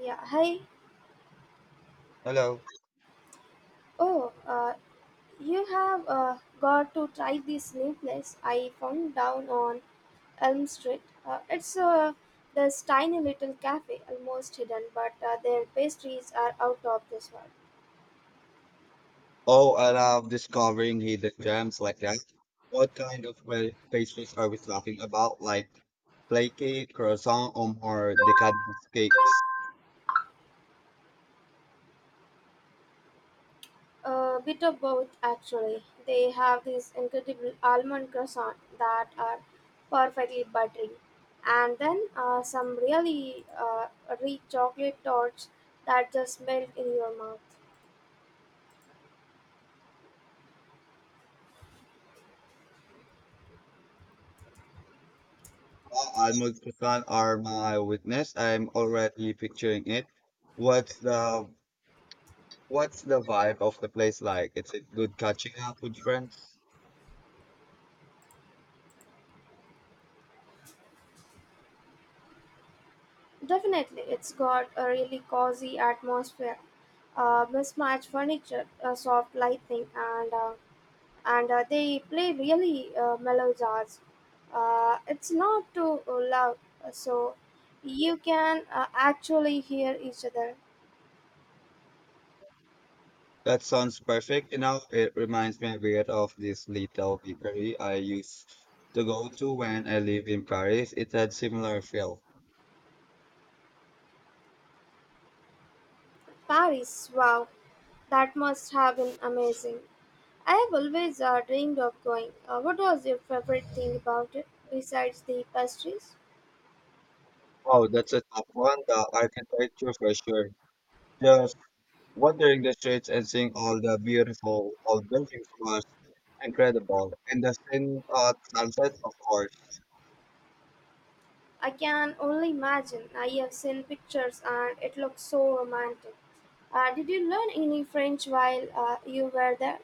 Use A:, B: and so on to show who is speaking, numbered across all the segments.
A: Yeah, hi.
B: Hello.
A: Oh, uh, you have got to try this new place I found down on Elm Street. It's this tiny little cafe, almost hidden, but their pastries are out of this world.
B: Oh, I love discovering hidden gems like that. What kind of pastries are we talking about? Like flaky cake, croissant, or more decadent cakes?
A: A bit of both, actually. They have these incredible almond croissant that are perfectly buttery, and then some really rich chocolate torts that just melt in your mouth.
B: Oh, almond croissant are my witness. I'm already picturing it. What's the what's the vibe of the place like? Is it good catching up with friends?
A: Definitely, it's got a really cozy atmosphere, mismatched furniture, soft lighting, and they play really mellow jazz. It's not too loud, so you can actually hear each other.
B: That sounds perfect. You know, it reminds me a bit of this little bakery I used to go to when I lived in Paris. It had similar feel.
A: Paris, wow, that must have been amazing. I have always dreamed of going. What was your favorite thing about it besides the pastries?
B: Wow, that's a tough one. The architecture for sure. Just wandering the streets and seeing all the beautiful old buildings was incredible. And the scene at sunset, of course.
A: I can only imagine. I have seen pictures and it looks so romantic. Did you learn any French while you were there?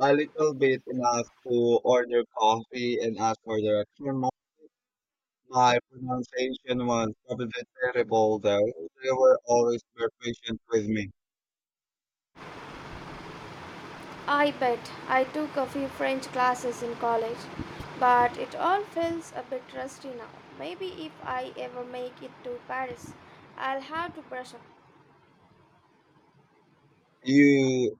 B: A little bit enough to order coffee and ask for direction. My pronunciation was probably terrible, though. They were always very patient with me.
A: I bet. I took a few French classes in college, but it all feels a bit rusty now. Maybe if I ever make it to Paris, I'll have to brush up.
B: You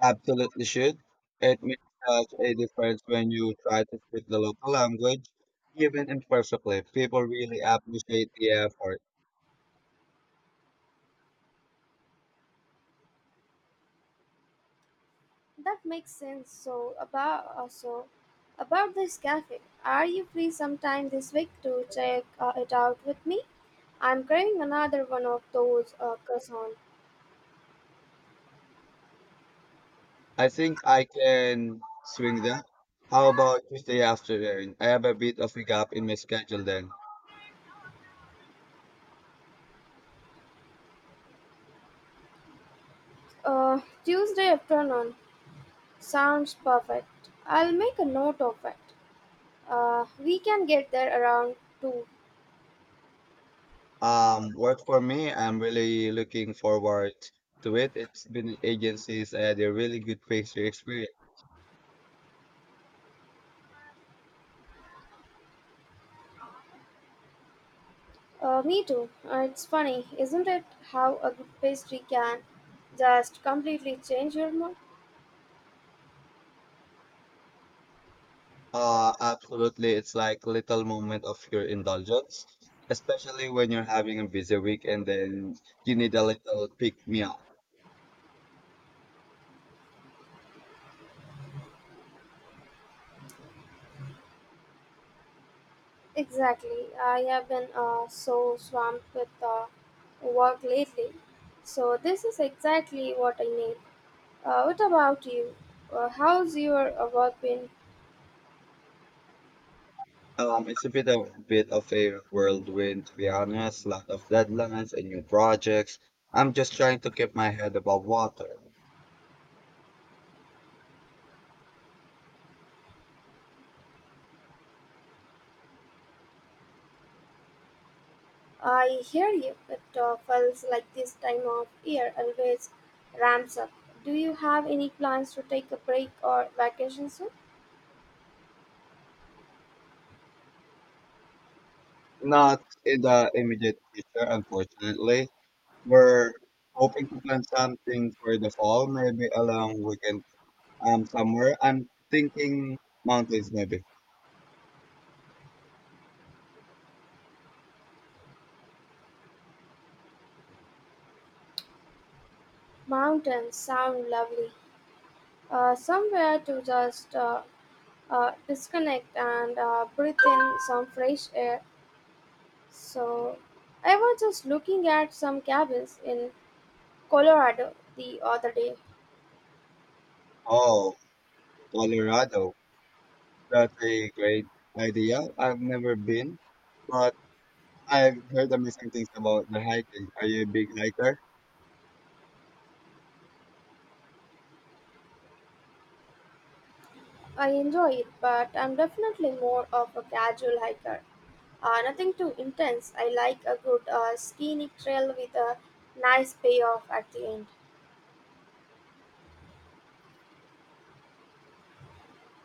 B: Absolutely should. It makes such a difference when you try to speak the local language, even imperfectly. People really appreciate the effort.
A: That makes sense. So about also about this cafe, are you free sometime this week to check it out with me? I'm craving another one of those croissants.
B: I think I can swing that. How about Tuesday afternoon? I have a bit of a gap in my schedule then.
A: Tuesday afternoon sounds perfect. I'll make a note of it. We can get there around two.
B: Work for me. I'm really looking forward to it. It's been agencies had a really good picture experience.
A: Me too. It's funny, isn't it? How a good pastry can just completely change your mood.
B: Absolutely. It's like little moment of your indulgence, especially when you're having a busy week and then you need a little pick me up.
A: Exactly. I have been so swamped with work lately. So, this is exactly what I need. What about you? How's your work been?
B: It's a bit of a whirlwind to be honest. Lot of deadlines and new projects. I'm just trying to keep my head above water.
A: I hear you. It feels like this time of year always ramps up. Do you have any plans to take a break or vacation soon?
B: Not in the immediate future, unfortunately. We're hoping to plan something for the fall, maybe a long weekend somewhere. I'm thinking mountains maybe.
A: Mountains sound lovely. Somewhere to just disconnect and breathe in some fresh air. So, I was just looking at some cabins in Colorado the other day.
B: Oh. Colorado. That's a great idea. I've never been, but I've heard amazing things about the hiking. Are you a big hiker?
A: I enjoy it, but I'm definitely more of a casual hiker. Nothing too intense. I like a good scenic trail with a nice payoff at the end.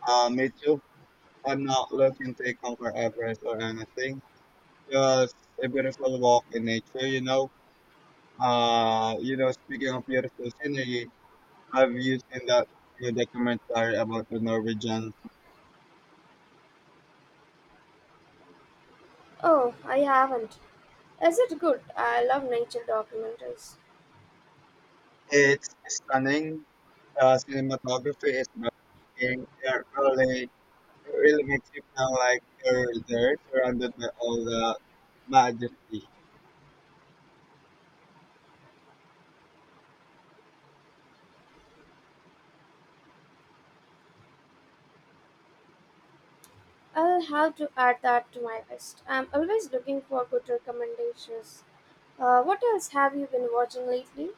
B: Me too. I'm not looking to conquer Everest or anything. Just a beautiful walk in nature, you know. Speaking of beautiful scenery, have you seen that new documentary about the Norwegians?
A: Oh, I haven't. Is it good? I love nature documentaries.
B: It's stunning. Cinematography is breathtaking. It really makes you feel like you're there, surrounded by all the majesty.
A: I'll have to add that to my list. I'm always looking for good recommendations. What else have you been watching lately?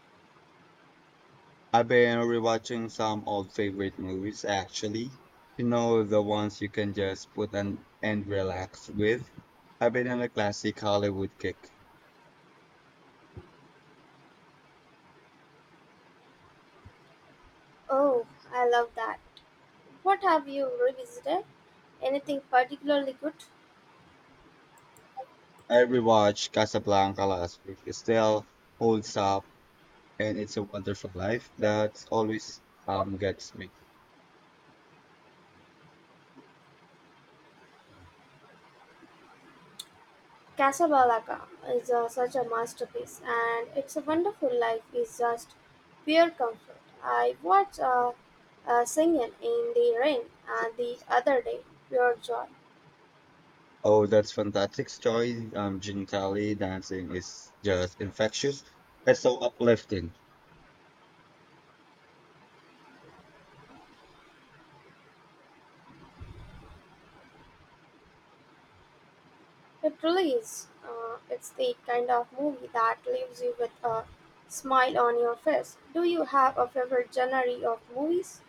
B: I've been rewatching some old favorite movies actually. You know, the ones you can just put on and relax with. I've been on a classic Hollywood kick.
A: Oh, I love that. What have you revisited? Anything particularly good?
B: I rewatched Casablanca last week. It still holds up, and it's a wonderful life that always gets me.
A: Casablanca is such a masterpiece, and It's a Wonderful Life is just pure comfort. I watched Singing in the Rain the other day, pure joy.
B: Oh, that's fantastic story. Gene Kelly dancing is just infectious. It's so uplifting.
A: It really is. It's the kind of movie that leaves you with a smile on your face. Do you have a favorite genre of movies?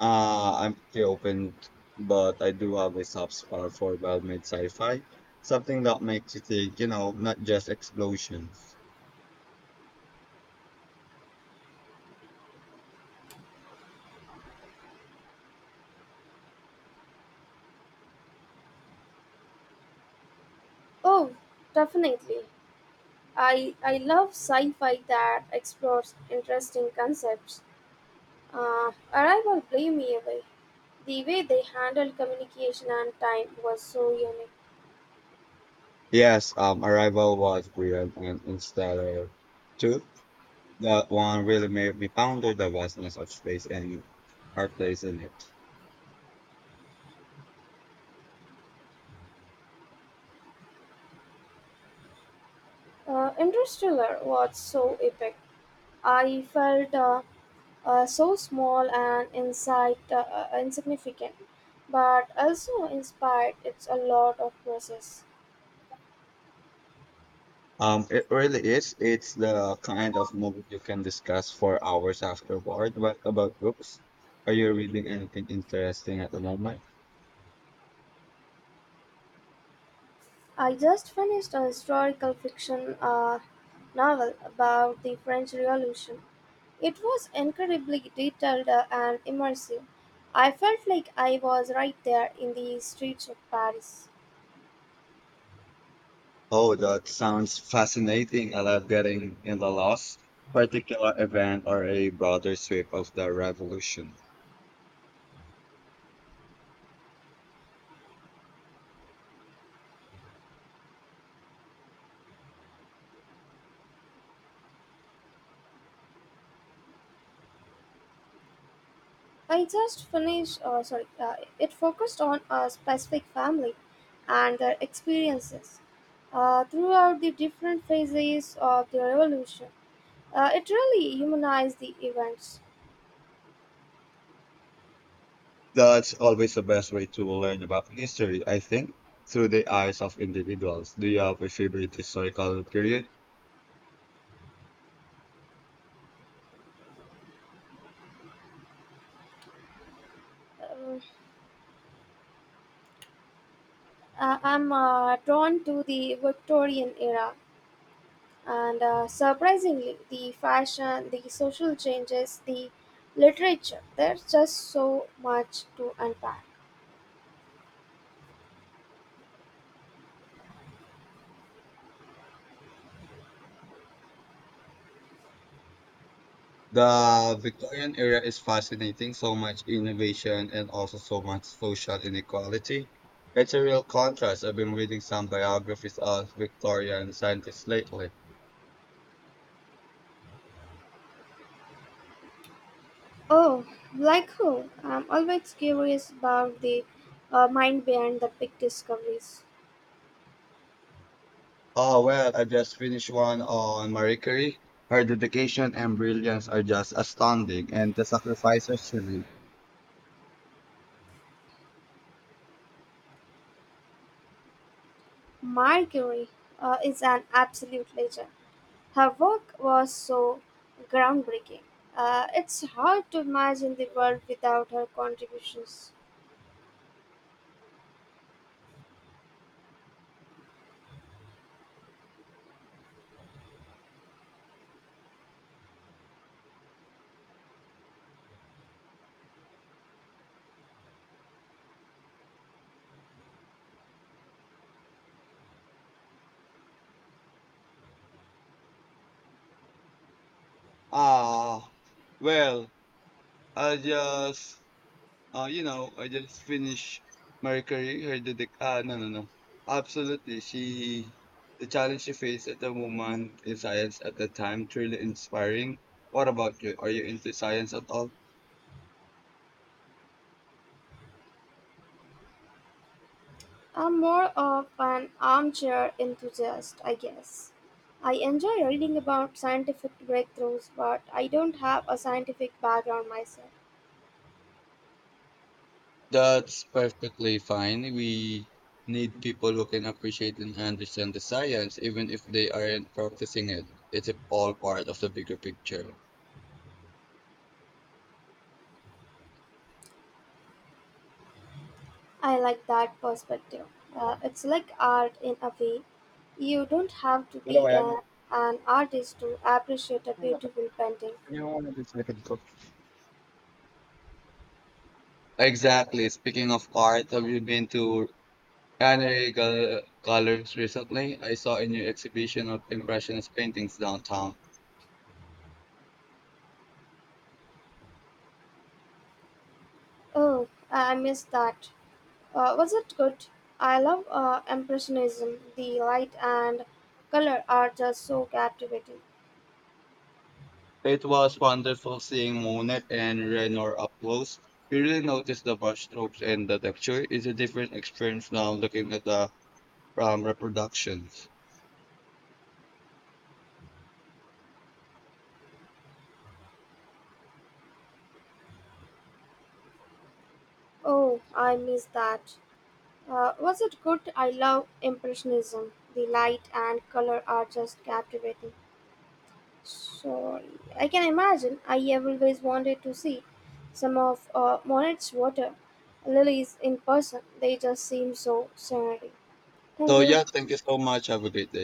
B: I'm pretty open, but I do have a soft spot for well-made sci-fi. Something that makes you think, you know, not just explosions.
A: Oh, definitely. I love sci fi that explores interesting concepts. Arrival blew me away. The way they handled communication and time was so unique.
B: Yes, Arrival was brilliant and Interstellar too. That one really made me ponder the vastness of space and our place in it.
A: Interstellar was so epic. I felt so small and insignificant, but also inspired. It's a lot of process.
B: It really is. It's the kind of movie you can discuss for hours afterward. What about books? Are you reading anything interesting at the moment?
A: I just finished a historical fiction novel about the French Revolution. It was incredibly detailed and immersive. I felt like I was right there in the streets of Paris.
B: Oh, that sounds fascinating. I love getting in the last particular event or a broader sweep of the revolution.
A: I just finished, sorry, it focused on a specific family and their experiences throughout the different phases of the revolution. It really humanized the events.
B: That's always the best way to learn about history, I think, through the eyes of individuals. Do you have a favorite historical period?
A: Uh, I'm drawn to the Victorian era and surprisingly the fashion, the social changes, the literature. There's just so much to unpack.
B: The Victorian era is fascinating, so much innovation and also so much social inequality. It's a real contrast. I've been reading some biographies of Victorian scientists lately.
A: Oh, like who? I'm always curious about the mind behind the big discoveries.
B: Oh, well, I just finished one on Marie Curie. Her dedication and brilliance are just astounding, and the sacrifices she made.
A: Mercury is an absolute legend. Her work was so groundbreaking. It's hard to imagine the world without her contributions.
B: Ah, well, I just, I just finished Marie Curie. Ah, no, no, no. Absolutely, the challenge she faced at the moment in science at the time, truly inspiring. What about you? Are you into science at all?
A: I'm more of an armchair enthusiast, I guess. I enjoy reading about scientific breakthroughs, but I don't have a scientific background myself.
B: That's perfectly fine. We need people who can appreciate and understand the science, even if they aren't practicing it. It's all part of the bigger picture.
A: I like that perspective. It's like art in a way. You don't have to be an artist to appreciate a beautiful painting.
B: You wanted to second cook. Exactly. Speaking of art, have you been to Colors recently? I saw a new exhibition of Impressionist paintings downtown.
A: Oh, I missed that. Was it good? I love Impressionism. The light and color are just so captivating.
B: It was wonderful seeing Monet and Renoir up close. You really notice the brushstrokes and the texture. It's a different experience now looking at the reproduction.
A: Oh, I miss that. Was it good? I love Impressionism. The light and color are just captivating. So I can imagine. I have always wanted to see some of Monet's water lilies in person. They just seem so serene. Thank
B: So
A: you.
B: yeah, thank you so much. Have a great day.